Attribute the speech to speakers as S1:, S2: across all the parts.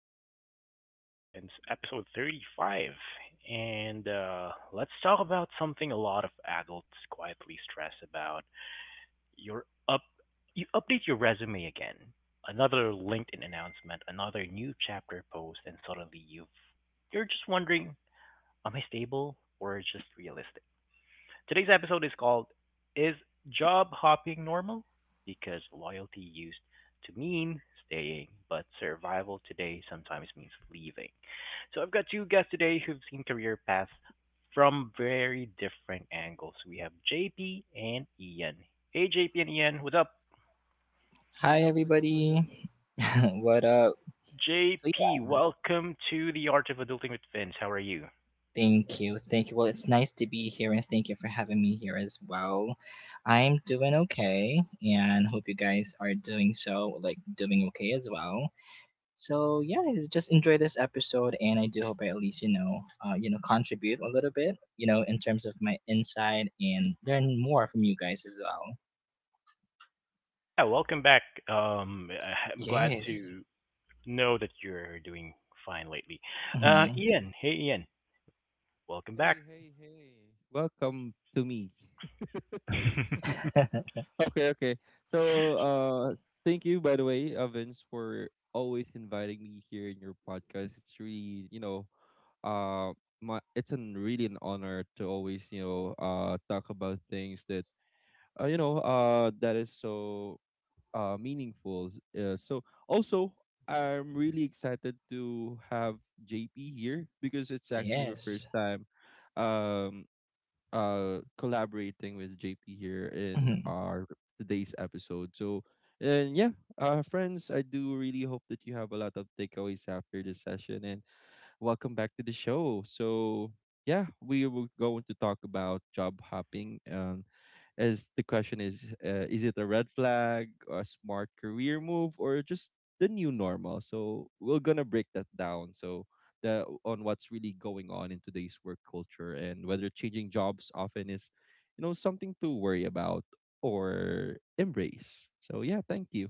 S1: to the Art of Adulting with Vince, episode 35. And let's talk about something a lot of adults quietly stress about. Your up you update your resume again. Another LinkedIn announcement, another new chapter post, and suddenly you're just wondering, am I stable or just realistic? Today's episode is called Is Job Hopping Normal? Because loyalty used to mean staying, but survival today sometimes means leaving. So I've got two guests today who've seen career paths from very different angles. We have JP and Ian. Hey, JP and Ian, what's up?
S2: Hi,
S3: What's up? What's up? What's up?
S2: everybody. What up? So,
S1: JP,
S2: yeah,
S1: welcome to the Art of Adulting with Vince. How are you?
S2: thank you. Thank you. Well, it's nice to be here and thank you for having me here as well. I'm doing okay and hope you guys are doing so, doing okay as well. So, yeah, just enjoy this episode and I do hope I at least, contribute a little bit, you know, in terms of my insight and learn more from you guys as well.
S1: Yeah, welcome back. Um, I'm glad
S2: Yes.
S1: to know that you're doing fine lately.
S2: Hmm.
S1: Ian, welcome back.
S3: Hey, hey, hey. Welcome to me. Okay. So, uh, Thank you, by the way, Vince, for always inviting me here in your podcast. It's really, you know, my it's an really an honor to always, talk about things that that is so meaningful. So also, I'm really excited to have JP here because it's actually my
S2: Yes.
S3: first time um, collaborating with JP here in
S2: Mm-hmm.
S3: our today's episode. So, and yeah, friends, I do really hope that you have a lot of takeaways after this session and welcome back to the show. So, yeah, we were going to talk about job hopping. As the question is it a red flag, or a smart career move, or just the new normal? So we're gonna break that down. So the on what's really going on in today's work culture and whether changing jobs often is, you know, something to worry about or embrace. So yeah, thank you.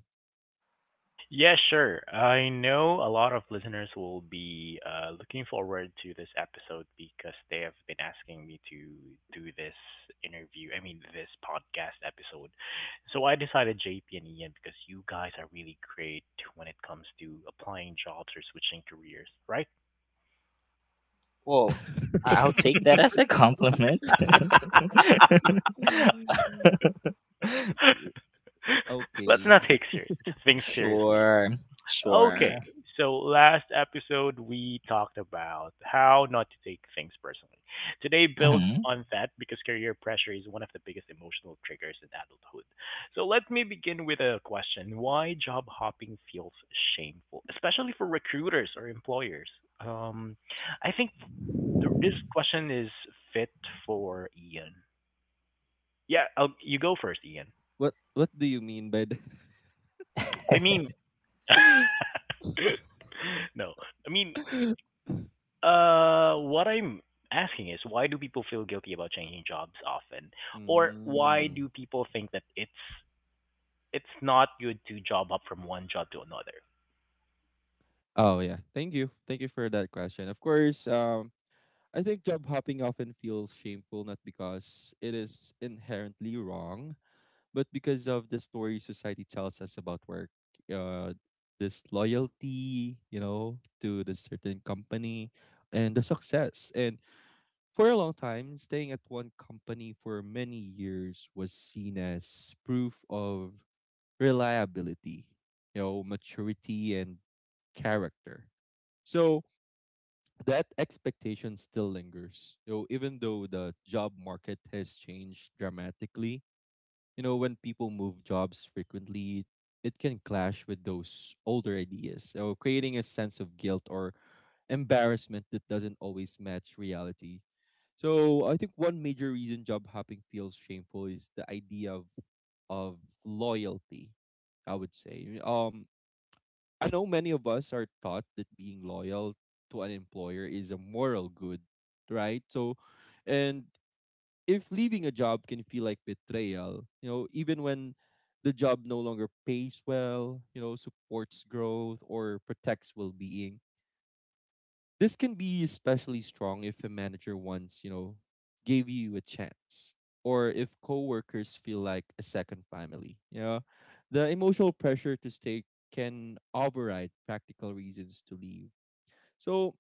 S1: Yeah, sure. I know a lot of listeners will be looking forward to this episode because they have been asking me to do this interview, I mean, this podcast episode. So I decided JP and Ian because you guys are really great when it comes to applying jobs or switching careers, right?
S2: Whoa. I'll take that as a compliment.
S3: Mm. Y-
S1: Let's not
S3: Okay.
S1: take serious, things seriously.
S2: Sure.
S1: Okay,
S2: Sure.
S1: so last episode we talked about how not to take things personally. Today builds
S2: Hmm.
S1: on that because career pressure is one of the biggest emotional triggers in adulthood. So let me begin with a question: Why job hopping feels shameful, especially for recruiters or employers? Um, I think this question is fit for Ian. Yeah, you go first, Ian.
S3: What do you mean by that?
S1: I mean, no, I mean, what I'm asking is, why do people feel guilty about changing jobs often, or why
S3: mm.
S1: do people think that it's not good to job up from one job to another?
S3: Oh yeah. Thank you for that question. Of course, I think job hopping often feels shameful not because it is inherently wrong, but because of the story society tells us about work. Uh, this loyalty, you know, to the certain company and the success. And for a long time, staying at one company for many years was seen as proof of reliability, you know, maturity and character. So that expectation still lingers. You know, even though the job market has changed dramatically, you know, when people move jobs frequently, it can clash with those older ideas, so creating a sense of guilt or embarrassment that doesn't always match reality. So I think one major reason job hopping feels shameful is the idea of loyalty. I would say. I know many of us are taught that being loyal to an employer is a moral good, right? So, and if leaving a job can feel like betrayal, you know, even when the job no longer pays well, you know, supports growth or protects well being, this can be especially strong if a manager once, you know, gave you a chance or if coworkers feel like a second family. You know, the emotional pressure to stay can override practical reasons to leave. So,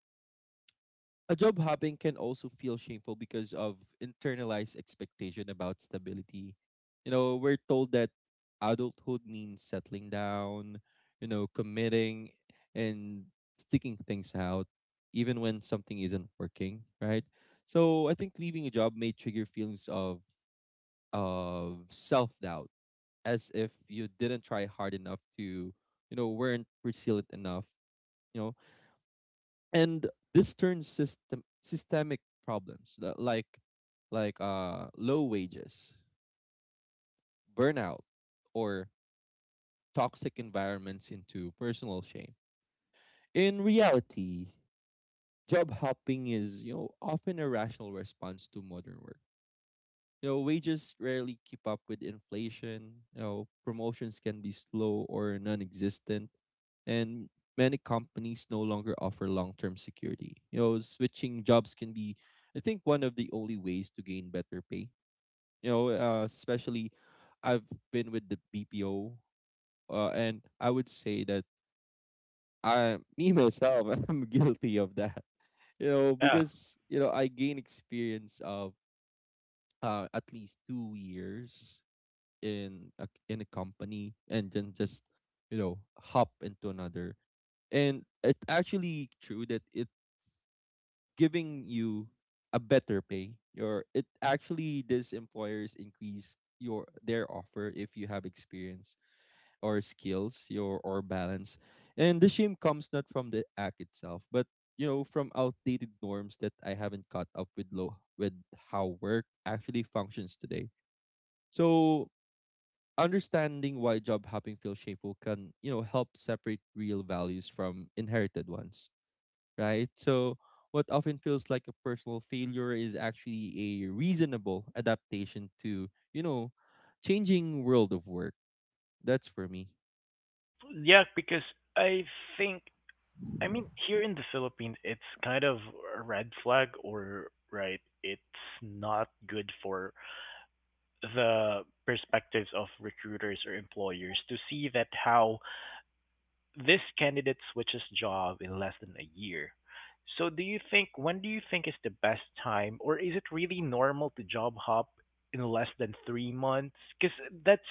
S3: a job hopping can also feel shameful because of internalized expectation about stability. You know, we're told that adulthood means settling down, you know, committing and sticking things out, even when something isn't working, right? So I think leaving a job may trigger feelings of self doubt, as if you didn't try hard enough to, you know, weren't resilient enough. You know, and this turns systemic problems that like low wages, burnout, or toxic environments into personal shame. In reality, job hopping is, you know, often a rational response to modern work. You know, wages rarely keep up with inflation. You know, promotions can be slow or non-existent, and many companies no longer offer long-term security. You know, switching jobs can be, I think, one of the only ways to gain better pay. Especially I've been with the BPO, and I would say that me myself, I'm guilty of that. You know,
S1: Yeah.
S3: because you know I gain experience of at least two years in a company and then just, you know, hop into another, and it's actually true that it giving you a better pay your it actually these employers increase your their offer if you have experience or skills your or balance, and the shame comes not from the act itself but, you know, from outdated norms that I haven't caught up with low with how work actually functions today. So understanding why job hopping feels shameful can, you know, help separate real values from inherited ones, right? So what often feels like a personal failure is actually a reasonable adaptation to, you know, changing world of work. That's for me.
S1: Yeah, because I think, I mean, here in the Philippines it's kind of a red flag, or, right, it's not good for the perspectives of recruiters or employers to see that, how this candidate switches job in less than a year. So do you think, when do you think is the best time, or is it really normal to job hop in less than 3 months? Cuz that's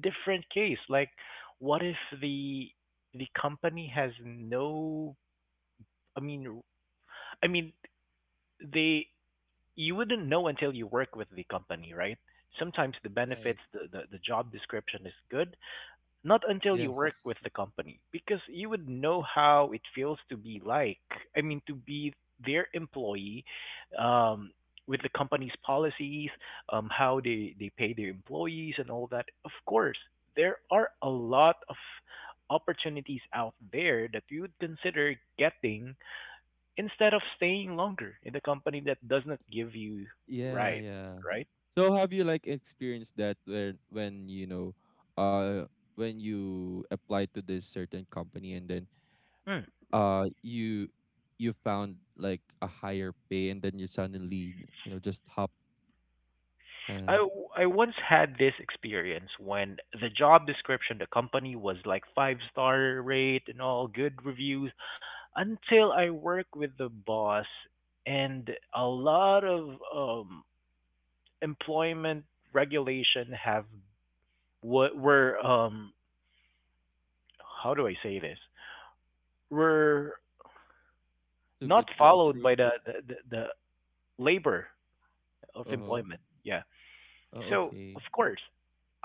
S1: different case. Like, what if the the company has no I mean I mean they you wouldn't know until you work with the company, right? Sometimes the
S3: right
S1: benefits, the job description is good, not until you work
S3: yes.
S1: with the company, because you would know how it feels to be like, I mean, to be their employee, um, with the company's policies, how they pay their employees and all that. Of course, there are a lot of opportunities out there that you would consider getting instead of staying longer in the company that does not give you
S3: Yeah,
S1: right,
S3: yeah.
S1: right?
S3: So have you like experienced that where when you know, uh when you apply to this certain company, and then
S1: Hmm.
S3: you you found like a higher pay, and then you suddenly, you know, just hop, uh,
S1: I once had this experience when the job description, the company was like five-star rate and all good reviews, until I worked with the boss, and a lot of employment regulation have, what were, how do I say this, were
S3: too
S1: not
S3: good to be
S1: followed
S3: true.
S1: by the labor of
S3: Uh-huh.
S1: employment. Yeah.
S3: Oh,
S1: So of
S3: okay.
S1: course,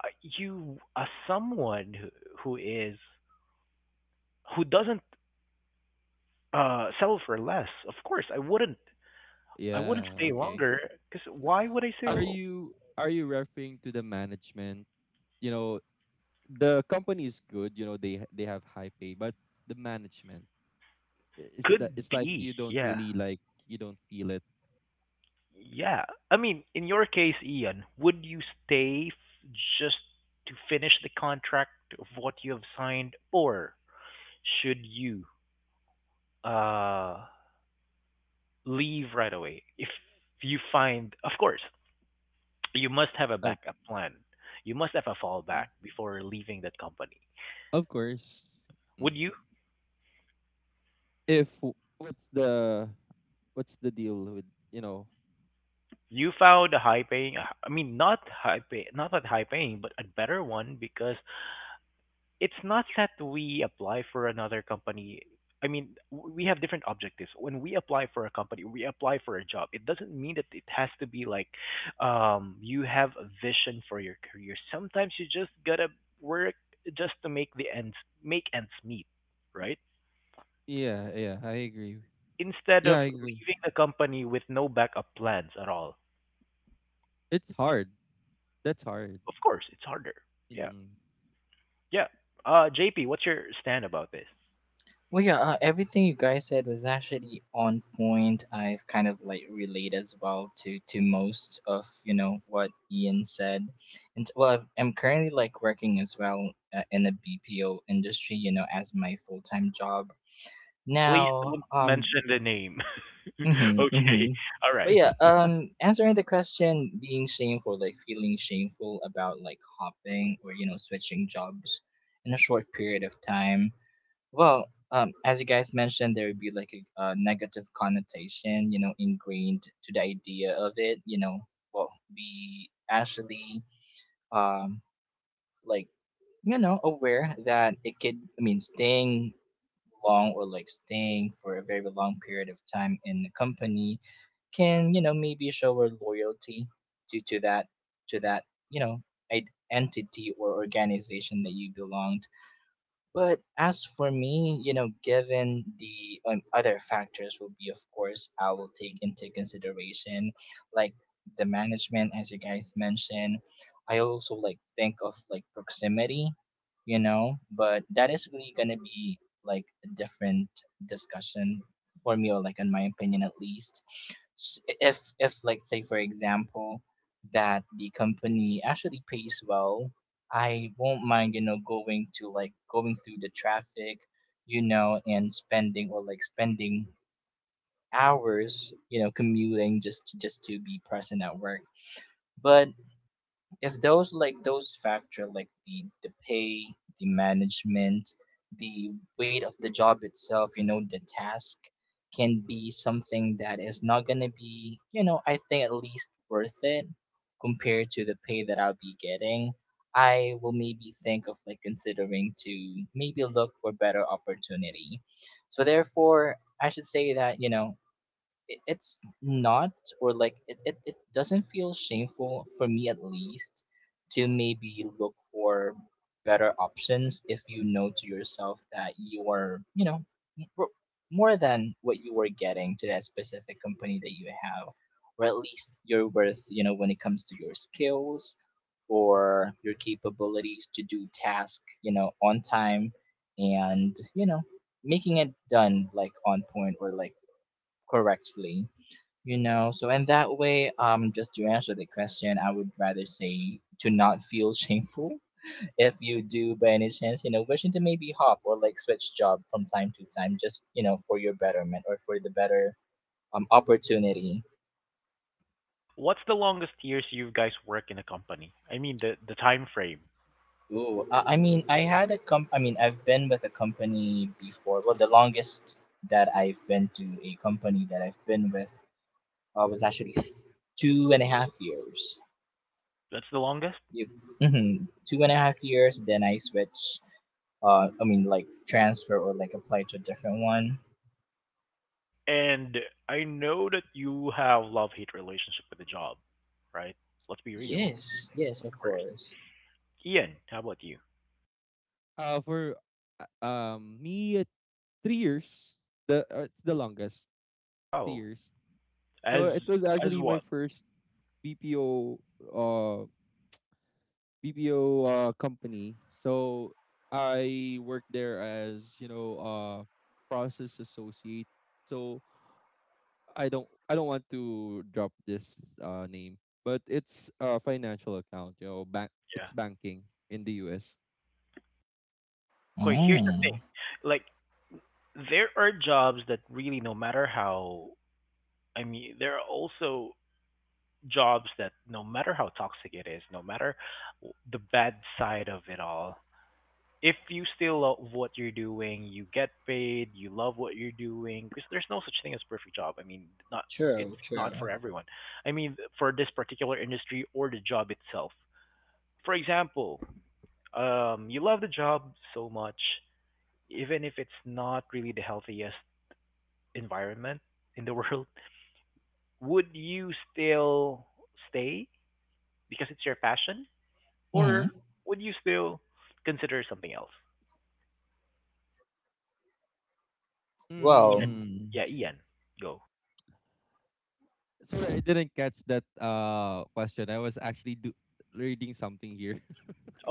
S1: uh, you, as someone who is who doesn't sell for less. Of course, I wouldn't. I wouldn't
S3: Yeah,
S1: stay
S3: okay.
S1: longer, because why would I say
S3: are you are you referring to the management? You know, the company is good, you know, they have high pay, but the management, it's that
S1: could
S3: it's like
S1: be?
S3: you don't
S1: Yeah,
S3: really, you don't feel it.
S1: yeah. I mean, in your case, Ian, would you stay just to finish the contract of what you have signed, or should you uh leave right away if you find? Of course, you must have a
S3: Uh,
S1: backup plan. You must have a
S3: mm,
S1: fallback before leaving that company.
S3: of course. Mm.
S1: Would you
S3: If what's the, what's the deal with, you know,
S1: You found a high paying, I mean, not high pay, not that high paying, but a better one, because it's not that we apply for another company. I mean, we have different objectives. When we apply for a company, we apply for a job. It doesn't mean that it has to be like, you have a vision for your career. Sometimes you just gotta work just to make ends meet, right?
S3: Yeah, yeah, I agree.
S1: Instead
S3: Yeah,
S1: of
S3: I agree.
S1: leaving the company with no backup plans at all.
S3: It's hard. That's hard.
S1: Of course, it's harder. Yeah.
S3: Mm.
S1: Yeah. JP, what's your stand about this?
S2: Well, everything you guys said was actually on point. I've kind of like relate as well to most of you know what Ian said, and I'm currently like working as well in the BPO industry, you know, as my full time job
S1: Please
S2: now.
S1: don't mention the name.
S2: Mhm,
S1: Okay.
S2: mhm.
S1: All
S2: But
S1: right.
S2: yeah, answering the question, being shameful, like feeling shameful about like hopping or you know switching jobs in a short period of time. Well, as you guys mentioned, there would be like a negative connotation, you know, ingrained to the idea of it. Well, be actually um like you know aware that it could. I mean, staying long or like staying for a very long period of time in the company can you know maybe show our loyalty to that you know entity or organization that you belong, but as for me, you know, given the other factors will be, of course, I will take into consideration like the management, as you guys mentioned. I also like think of like proximity, you know, but that is really gonna be like a different discussion for me, or like in my opinion at least. If like say for example that the company actually pays well, I won't mind, you know, going to like going through the traffic, you know, and spending or like spending hours, you know, commuting just to be present at work. But if those like those factor like the pay, the management, the weight of the job itself, you know, the task can be something that is not going to be you know I think at least worth it compared to the pay that I'll be getting. I will maybe think of like considering to maybe look for better opportunity. So therefore, I should say that you know it's not or like it doesn't feel shameful for me at least to maybe look for better options if you know to yourself that you are you know m- r- more than what you were getting to that specific company that you have, or at least your worth, you know, when it comes to your skills or your capabilities to do task you know on time and you know making it done like on point or like correctly, you know. So in that way, just to answer the question, I would rather say to not feel shameful if you do by any chance you know wishing to maybe hop or like switch job from time to time just you know for your betterment or for the better opportunity.
S1: What's the longest years you guys work in a company? I mean, the time frame.
S2: Ooh, I mean I had a comp I mean I've been with a company before. Well, the longest that I've been to a company that I've been with was actually 2.5 years.
S1: That's the longest.
S2: You Mhm. 2.5 years then I switched. I mean like transfer or like apply to a different one.
S1: And I know that you have love hate relationship with the job, right? Let's be real,
S2: Yes, yes,
S1: of
S2: of
S1: course.
S2: course.
S1: Ian, how about you?
S3: For me, three years. The It's the longest, three
S1: Wow.
S3: years. So
S1: As
S3: it was
S1: as
S3: actually my
S1: what?
S3: first BPO uh BPO uh company. So I worked there as, you know, process associate. So I don't want to drop this name, but it's a financial account, you know, bank
S1: Yeah.
S3: it's banking in the US.
S1: Okay, here's the thing.
S2: Mm.
S1: Like, there are jobs that really, no matter how, I mean, there are also jobs that, no matter how toxic it is, no matter the bad side of it all, if you still love what you're doing, you get paid, you love what you're doing, because there's no such thing as perfect job. I mean, not it's
S2: True,
S1: not
S2: true.
S1: for everyone. I mean, for this particular industry or the job itself. For example, you love the job so much, even if it's not really the healthiest environment in the world, would you still stay because it's your passion?
S2: Mm-hmm.
S1: Or would you still consider something else? Ian.
S2: Well,
S3: Mm.
S1: Yeah, Ian. Go.
S3: Sorry, I didn't catch that question. I was actually reading something here.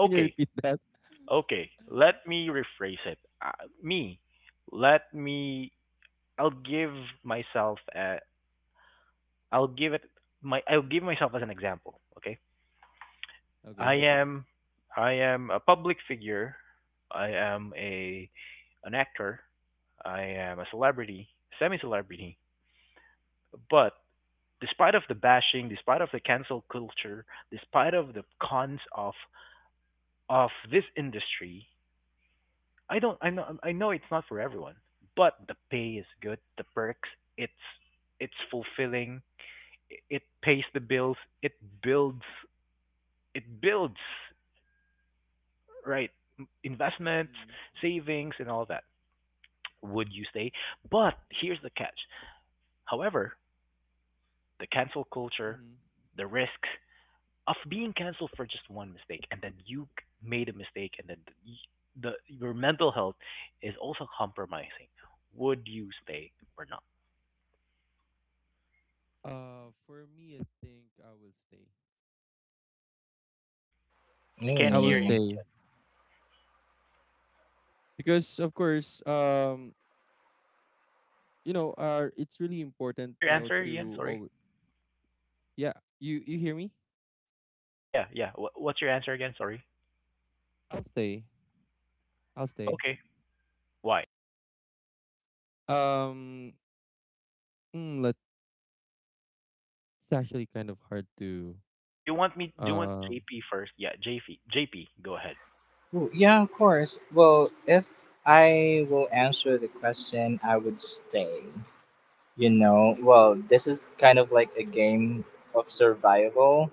S3: Can you repeat that?
S1: Okay. Let me rephrase it. Me. Let me. I'll give myself. A, I'll give it. My. I'll give myself as an example. Okay. I
S3: Okay.
S1: am. I am a public figure. I am a. An actor. I am a celebrity. Semi-celebrity. But despite of the bashing, despite of the cancel culture, despite of the cons of this industry, I know it's not for everyone, but the pay is good, the perks, it's it's fulfilling, it pays the bills, it builds it builds right investments, savings and all that. Would you stay? But here's the catch. However, the cancel culture,
S3: Mm-hmm.
S1: the risks of being canceled for just one mistake, and then you made a mistake, and then the your mental health is also compromising, would you stay or not?
S3: For me, I think I will stay.
S1: I can't
S3: I will
S1: hear you,
S2: ooh.
S3: stay
S1: Ian.
S3: because, of course, you know, it's really important,
S1: What's your
S3: you know,
S1: answer, Ian,
S3: to
S1: sorry?
S3: always. Yeah, you hear me?
S1: Yeah, yeah, yeah. What's your answer again, sorry?
S3: I'll stay. I'll stay.
S1: Okay, why
S3: Um, mm, Let's It's actually kind of hard to.
S1: do you want
S3: Um,
S1: JP first? Yeah, JP, go ahead.
S2: Ooh, yeah, of course. Well, if I will answer the question, I would stay. You know, well, this is kind of like a game of survival.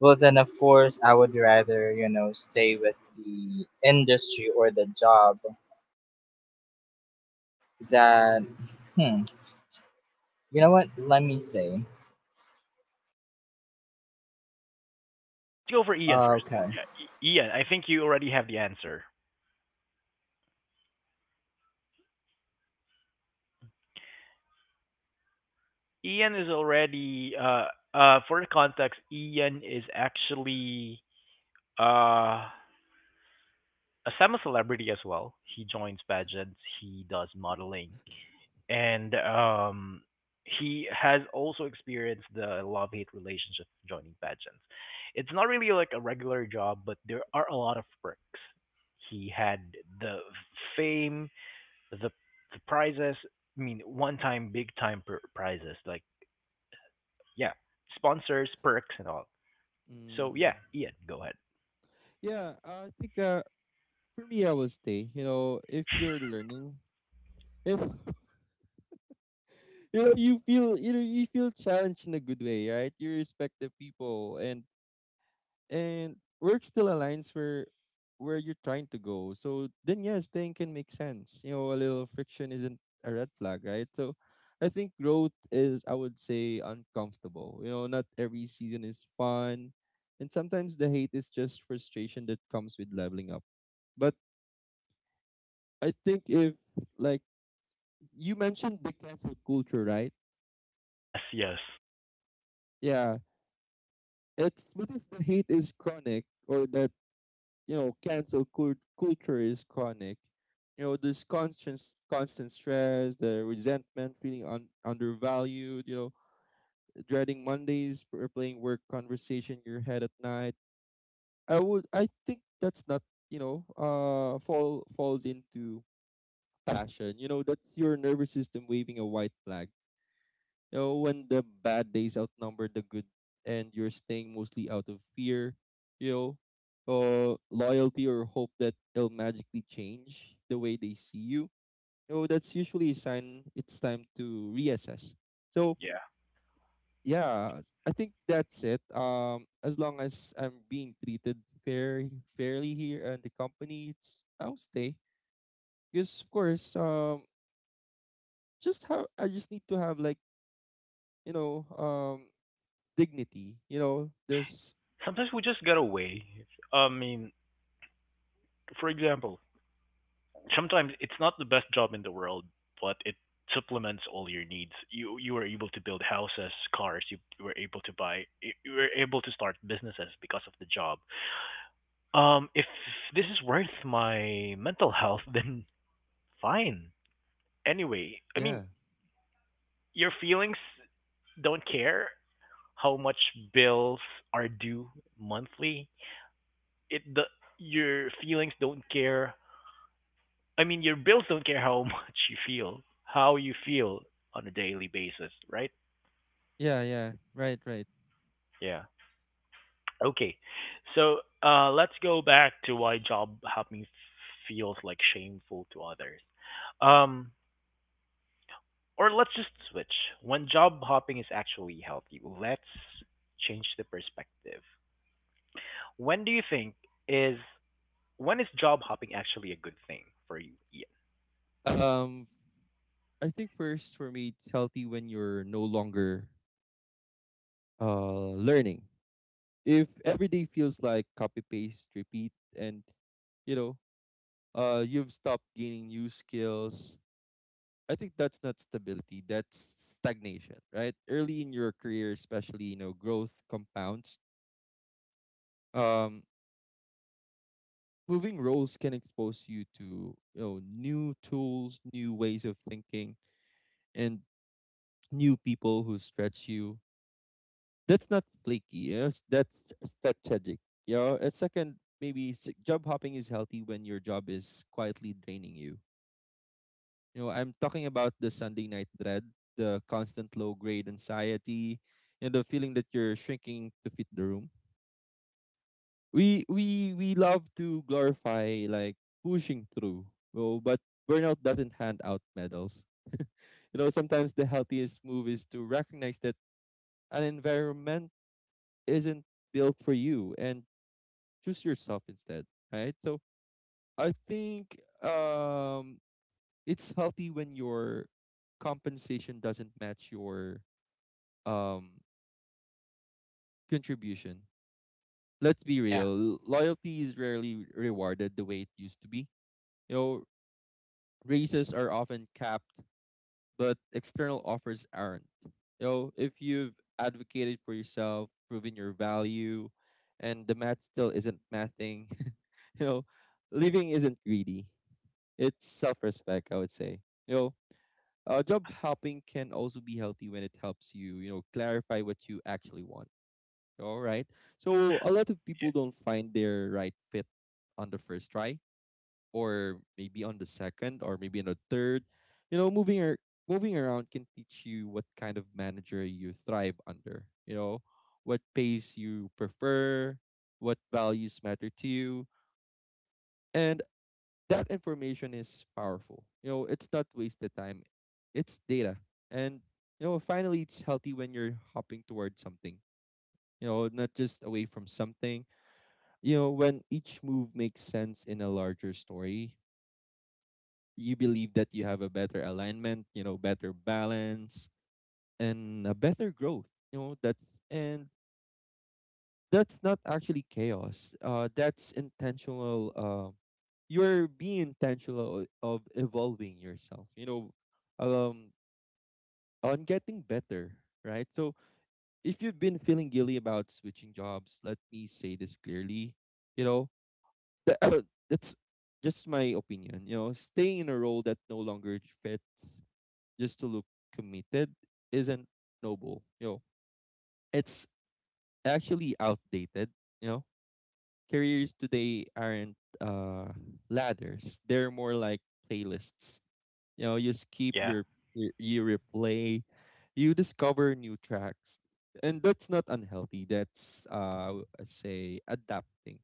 S2: Well, then, of course, I would rather, you know, stay with the industry or the job that, hmm, you know what? Let me say.
S1: Let's go for Ian
S2: Oh,
S1: first.
S2: okay.
S1: Yeah, Ian, I think you already have the answer. Ian is already for context, Ian is actually uh as I'm a celebrity as well, he joins pageants, he does modeling, and he has also experienced the love hate relationship of joining pageants. It's not really like a regular job, but there are a lot of perks. He had the fame, the the prizes. I mean, one time, big time prizes like, yeah, sponsors, perks, and all. So yeah,
S3: mm,
S1: Ian, go ahead.
S3: yeah, I think for me, I will stay. You know, if you're learning, if you feel, you feel challenged in a good way, right? You respect the people, and work still aligns where you're trying to go. So then yeah, staying can make sense. You know, a little friction isn't a red flag, right? So I think growth is, I would say, uncomfortable. You know, not every season is fun. And sometimes the hate is just frustration that comes with leveling up. But I think if, like, you mentioned the cancel culture, right?
S1: Yes, yes,
S3: Yeah. It's but if the hate is chronic, or the, you know, culture is chronic, you know, this constant stress, the resentment, feeling undervalued, you know, dreading Mondays, replaying work conversation in your head at night, I would, I think that's not, you know, falls into passion. You know, that's your nervous system waving a white flag. You know, when the bad days outnumber the good and you're staying mostly out of fear, you know, loyalty or hope that it'll magically change the way they see you, you know, that's usually a sign it's time to reassess. So,
S1: yeah.
S3: yeah, I think that's it. As long as I'm being treated fair, fairly here and the company, it's I'll stay. Because of course, just how I just need to have like, you know, dignity. You know this.
S1: Sometimes we just get away. I mean, for example, sometimes it's not the best job in the world, but it supplements all your needs. You were able to build houses, cars. You were able to buy, you were able to start businesses because of the job. If this is worth my mental health, then fine. Anyway, I mean,
S3: Yeah.
S1: your feelings don't care how much bills are due monthly. It the your feelings don't care I mean, your bills don't care how much you feel, how you feel on a daily basis, right?
S3: Yeah, yeah. Right, right.
S1: Yeah. Okay, so let's go back to why job hopping feels like shameful to others. Um, or let's just switch. When job hopping is actually healthy, let's change the perspective. When do you think is when is job hopping actually a good thing for you, Ian?
S3: Um f- I think first for me it's healthy when you're no longer learning. If every day feels like copy paste repeat, and you know, you've stopped gaining new skills, I think that's not stability, that's stagnation, right? Early in your career especially, you know, growth compounds. Um Moving roles can expose you to, you know, new tools, new ways of thinking, and new people who stretch you. That's not flaky. You know? That's strategic. You know? And second, maybe job hopping is healthy when your job is quietly draining you. You know, I'm talking about the Sunday night dread, the constant low grade anxiety, and the feeling that you're shrinking to fit the room. We love to glorify like pushing through. But burnout doesn't hand out medals. You know, sometimes the healthiest move is to recognize that an environment isn't built for you and choose yourself instead, right? So I think it's healthy when your compensation doesn't match your um contribution. Let's be
S1: Yeah,
S3: real. Loyalty is rarely rewarded the way it used to be. You know, raises are often capped but external offers aren't. You know, if you've advocated for yourself, proven your value, and the math still isn't mathing, you know, living isn't greedy. It's self respect, I would say. You know,
S1: yeah,
S3: job hopping can also be healthy when it helps you, you know, clarify what you actually want. All right. So a lot of people don't find their right fit on the first try, or maybe on the second, or maybe on the third. You know, moving around can teach you what kind of manager you thrive under, you know, what pace you prefer, what values matter to you. And that information is powerful. You know, it's not wasted time. It's data. And finally it's healthy when you're hopping towards something. Not just away from something. You know, when each move makes sense in a larger story, you believe that you have a better alignment, you know, better balance and a better growth. You know, that's and that's not actually chaos. That's intentional. You're being intentional of evolving yourself, um on getting better, right? So if you've been feeling guilty about switching jobs, let me say this clearly, you know, that, that's just my opinion. You know, staying in a role that no longer fits just to look committed isn't noble. Yo, it's actually outdated. You know, careers today aren't uh ladders; they're more like playlists. You know, you skip
S1: yeah.
S3: your you replay, you discover new tracks, and that's not unhealthy. That's I say adapting.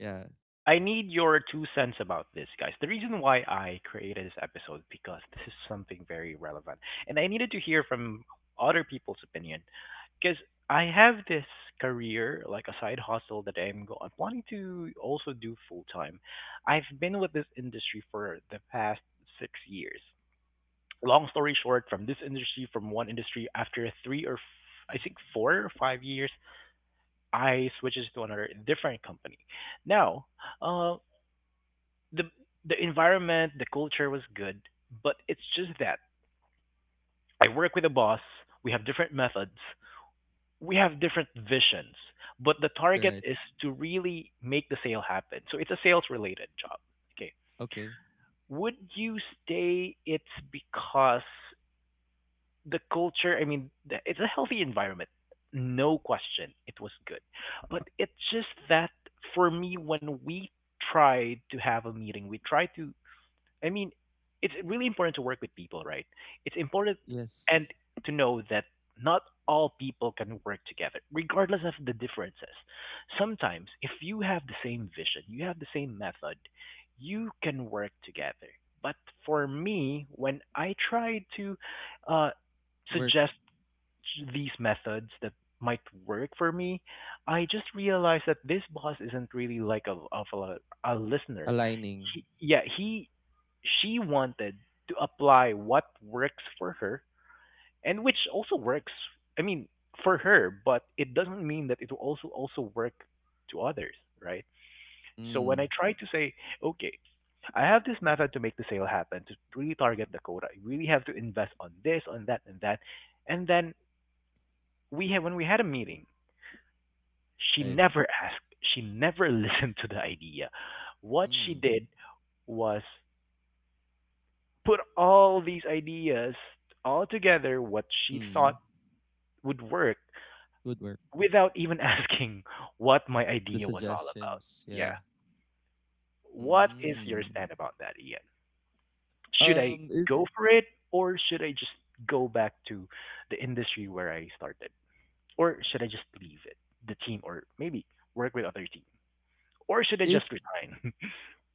S3: Yeah.
S1: I need your two cents about this, guys. The reason why I created this episode, because this is something very relevant, and I needed to hear from other people's opinion, because I have this career, like a side hustle that I'm I'm wanting to also do full time. I've been with this industry for the past 6 years. Long story short, from this industry, from one industry, after I
S3: Mm,
S1: think 4 or 5 years, I switches to another different company. Now, uh, the environment, the culture was good, but it's just that I work with a boss. We have different methods. We have different visions, but the
S3: you're
S1: target
S3: right.
S1: is to really make the sale happen. So it's a sales related job. Okay.
S3: Okay.
S1: Would you stay? It's because the culture, I mean, it's a healthy environment. No question. It was good. But it's just that, for me, when we tried to have a meeting, we tried to I mean, it's really important to work with people, right? It's important, and
S3: Yes,
S1: to know that not all people can work together, regardless of the differences. Sometimes, if you have the same vision, you have the same method, you can work together. But for me, when I try to uh,
S3: work
S1: suggest these methods that might work for me, I just realized that this boss isn't really like a listener.
S3: aligning.
S1: He, yeah, he she wanted to apply what works for her, and which also works. I mean, for her, but it doesn't mean that it will also work to others, right? So when
S3: Mm.
S1: I try to say, okay, I have this method to make the sale happen, to really target the quota, I really have to invest on this, on that, and that, and then we had a meeting, she
S3: Right.
S1: never asked, she never listened to the idea. What she
S3: Mm.
S1: did was put all these ideas all together, what she thought
S3: Mm.
S1: would work,
S3: Good work.
S1: without even asking what my
S3: The
S1: idea was all about.
S3: suggestions, yeah.
S1: Yeah. What is your
S3: Mm.
S1: stand about that, Ian? Should I
S3: Um, if
S1: go for it, or should I just go back to the industry where I started? Or should I just leave it, the team, or maybe work with other team? Or should I
S3: if
S1: just resign?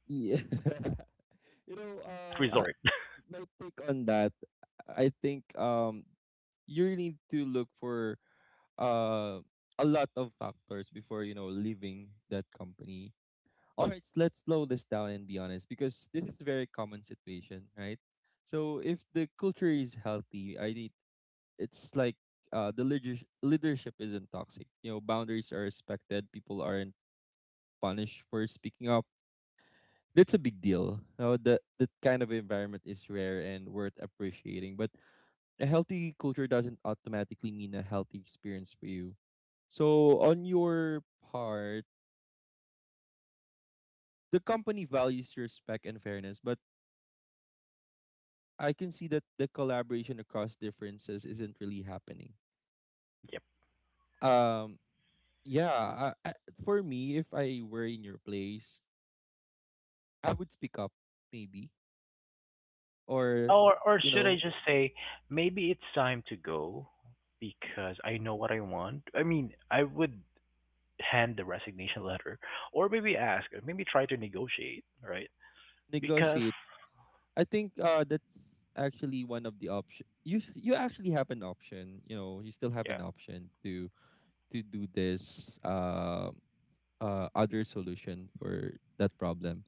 S3: yeah, you know,
S1: Last
S3: uh, uh,
S1: resort.
S3: my take on that, I think, you really need to look for uh a lot of factors before leaving that company. All right, let's slow this down and be honest because this is a very common situation, right? So if the culture is healthy, it's like, the leader leadership isn't toxic. You know, boundaries are respected. People aren't punished for speaking up. That's a big deal. You know, that kind of environment is rare and worth appreciating. But a healthy culture doesn't automatically mean a healthy experience for you. So on your part, the company values respect and fairness, but I can see that the collaboration across differences isn't really happening.
S1: Yep.
S3: Um, yeah, for me, if I were in your place, I would speak up, maybe, or
S1: Or
S3: you
S1: should I
S3: know,
S1: just say, maybe it's time to go, because I know what I want. I mean, I would hand the resignation letter, or maybe ask, or maybe try to negotiate, right? Because
S3: negotiate. I think, that's actually one of the option. You actually have an option. You know, you still have
S1: yeah.
S3: an option to do this, other solution for that problem.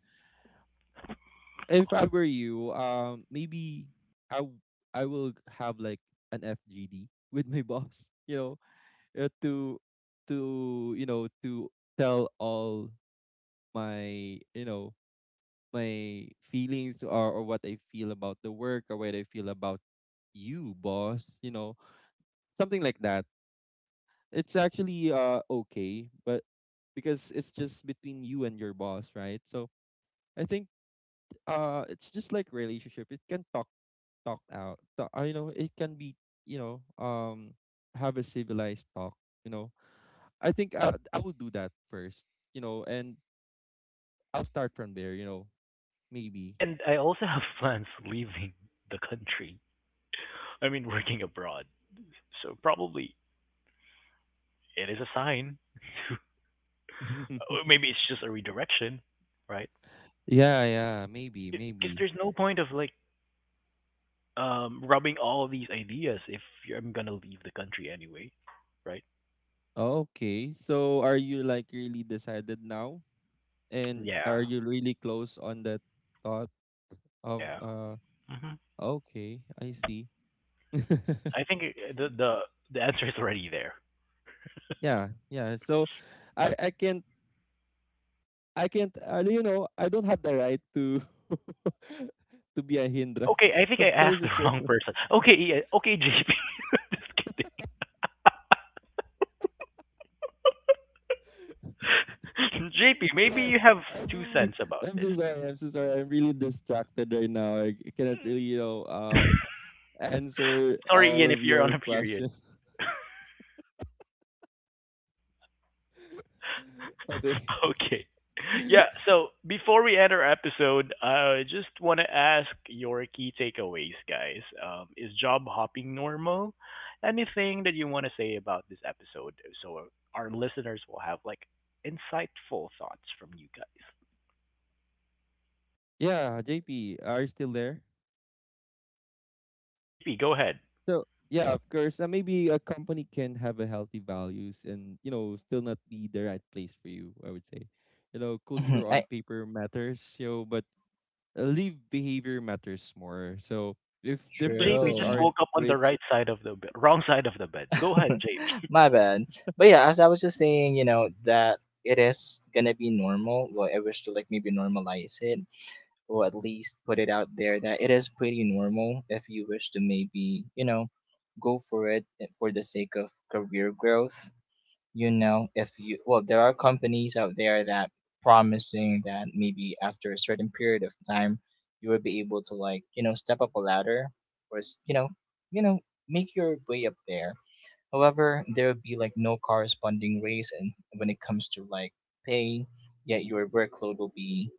S3: If I were you, maybe I w- I will have like an FGD with my boss. You know, to to you know to tell all my, my feelings, or what I feel about the work or what I feel about you, boss, you know, something like that. It's actually okay, but because it's just between you and your boss, right? So I think it's just like relationship. It can talk out. Talk, you know, it can be, you know, have a civilized talk, you know. I think I will do that first, you know, and I'll start from there, you know, maybe.
S1: And I also have plans leaving the country. I mean, working abroad. So probably it is a sign. Or maybe it's just a redirection, right?
S3: Yeah, yeah, maybe,
S1: Because
S3: maybe.
S1: there's no point of like, rubbing all these ideas if I'm gonna leave the country anyway, right?
S3: Oh, okay. So are you like really decided now? And are
S1: Yeah,
S3: you really close on that thought of
S1: yeah. hmm
S3: okay, I see.
S1: I think the answer is already there.
S3: Yeah, yeah. So I I can't I can't, I don't have the right to to be a
S1: Okay,
S3: hindrance.
S1: I think I
S3: Of
S1: asked
S3: course
S1: the
S3: it's your
S1: wrong person. Okay, yeah, okay, JP. Just kidding. JP,
S3: you
S1: maybe
S3: know,
S1: you have
S3: I'm
S1: two
S3: really
S1: cents about
S3: I'm
S1: this.
S3: so sorry, I'm so sorry. I'm really distracted right now. I cannot really, you know, answer
S1: Sorry,
S3: all
S1: Ian, if
S3: of
S1: you're on
S3: your
S1: a period.
S3: questions. Okay.
S1: Okay. Yeah, so before we end our episode, I just want to ask your key takeaways, guys. Is job hopping normal? Anything that you want to say about this episode, so our listeners will have like insightful thoughts from you guys?
S3: Yeah, JP, are you still there?
S1: JP, go ahead.
S3: So yeah, of course. Maybe a company can have a healthy values and you know still not be the right place for you. I would say, you know,
S2: Mhm,
S3: culture on
S2: I,
S3: paper matters, you know, but, live behavior matters more. So if
S1: I think JP
S3: differences
S1: just
S2: true.
S3: aren't
S1: woke up on the
S3: bridged
S1: right side of the wrong side of the bed. Go ahead, JP.
S2: My bad. But yeah, as I was just saying, you know, that it is gonna be normal. Well, I wish to like maybe normalize it, or at least put it out there that it is pretty normal if you wish to maybe, you know, go for it, for the sake of career growth. You know, if you well there are companies out there that promising that maybe after a certain period of time you will be able to like you know step up a ladder or you know, you know, make your way up there. However, there will be like no corresponding raise and when it comes to like pay, yet your workload will be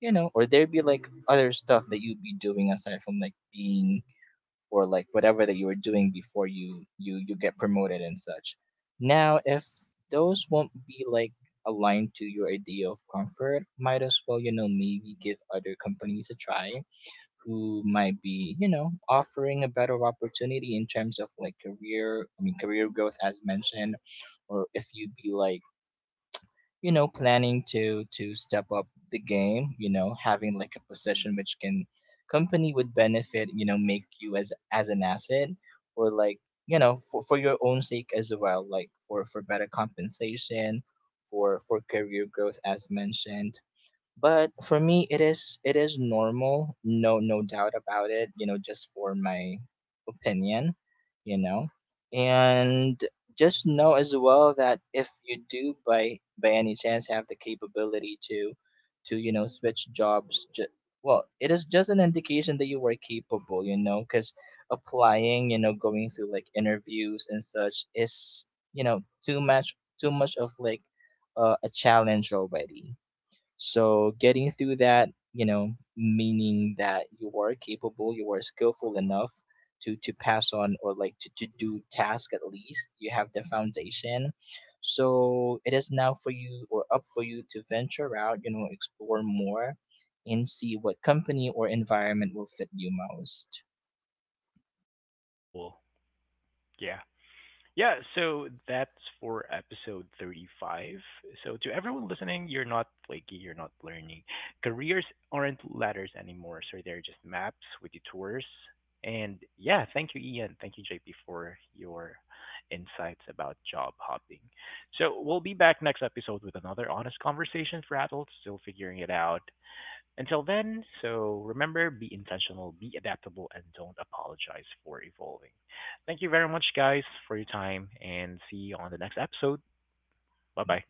S2: you know or there'll be like other stuff that you'll be doing aside from like being or like whatever that you were doing before you get promoted and such. Now if those won't be like aligned to your idea of comfort, might as well you know maybe give other companies a try, who might be you know offering a better opportunity in terms of like career, career growth as mentioned. Or if you would be like you know planning to step up the game, you know, having like a position which can company would benefit, you know, make you as an asset, or like you know for your own sake as well, like for better compensation, for career growth as mentioned. But for me, it is normal. No, no doubt about it. You know, just for my opinion. You know, and just know as well that if you do by any chance have the capability to you know switch jobs well it is just an indication that you were capable you know because applying you know going through like interviews and such is you know too much of like a challenge already. So getting through that, you know, meaning that you are capable, you are skillful enough to pass on or like to do task at least. You have the foundation. So it is now for you or up for you to venture out, you know, explore more and see what company or environment will fit you most.
S1: Cool. Yeah. Yeah, so that's for episode 35. So, to everyone listening, you're not flaky, you're not learning. Careers aren't ladders anymore, so they're just maps with detours. And yeah, thank you, Ian. Thank you, JP, for your insights about job hopping. So, we'll be back next episode with another honest conversation for adults still figuring it out. Until then, so remember, be intentional, be adaptable, and don't apologize for evolving. Thank you very much, guys, for your time, and see you on the next episode. Bye bye.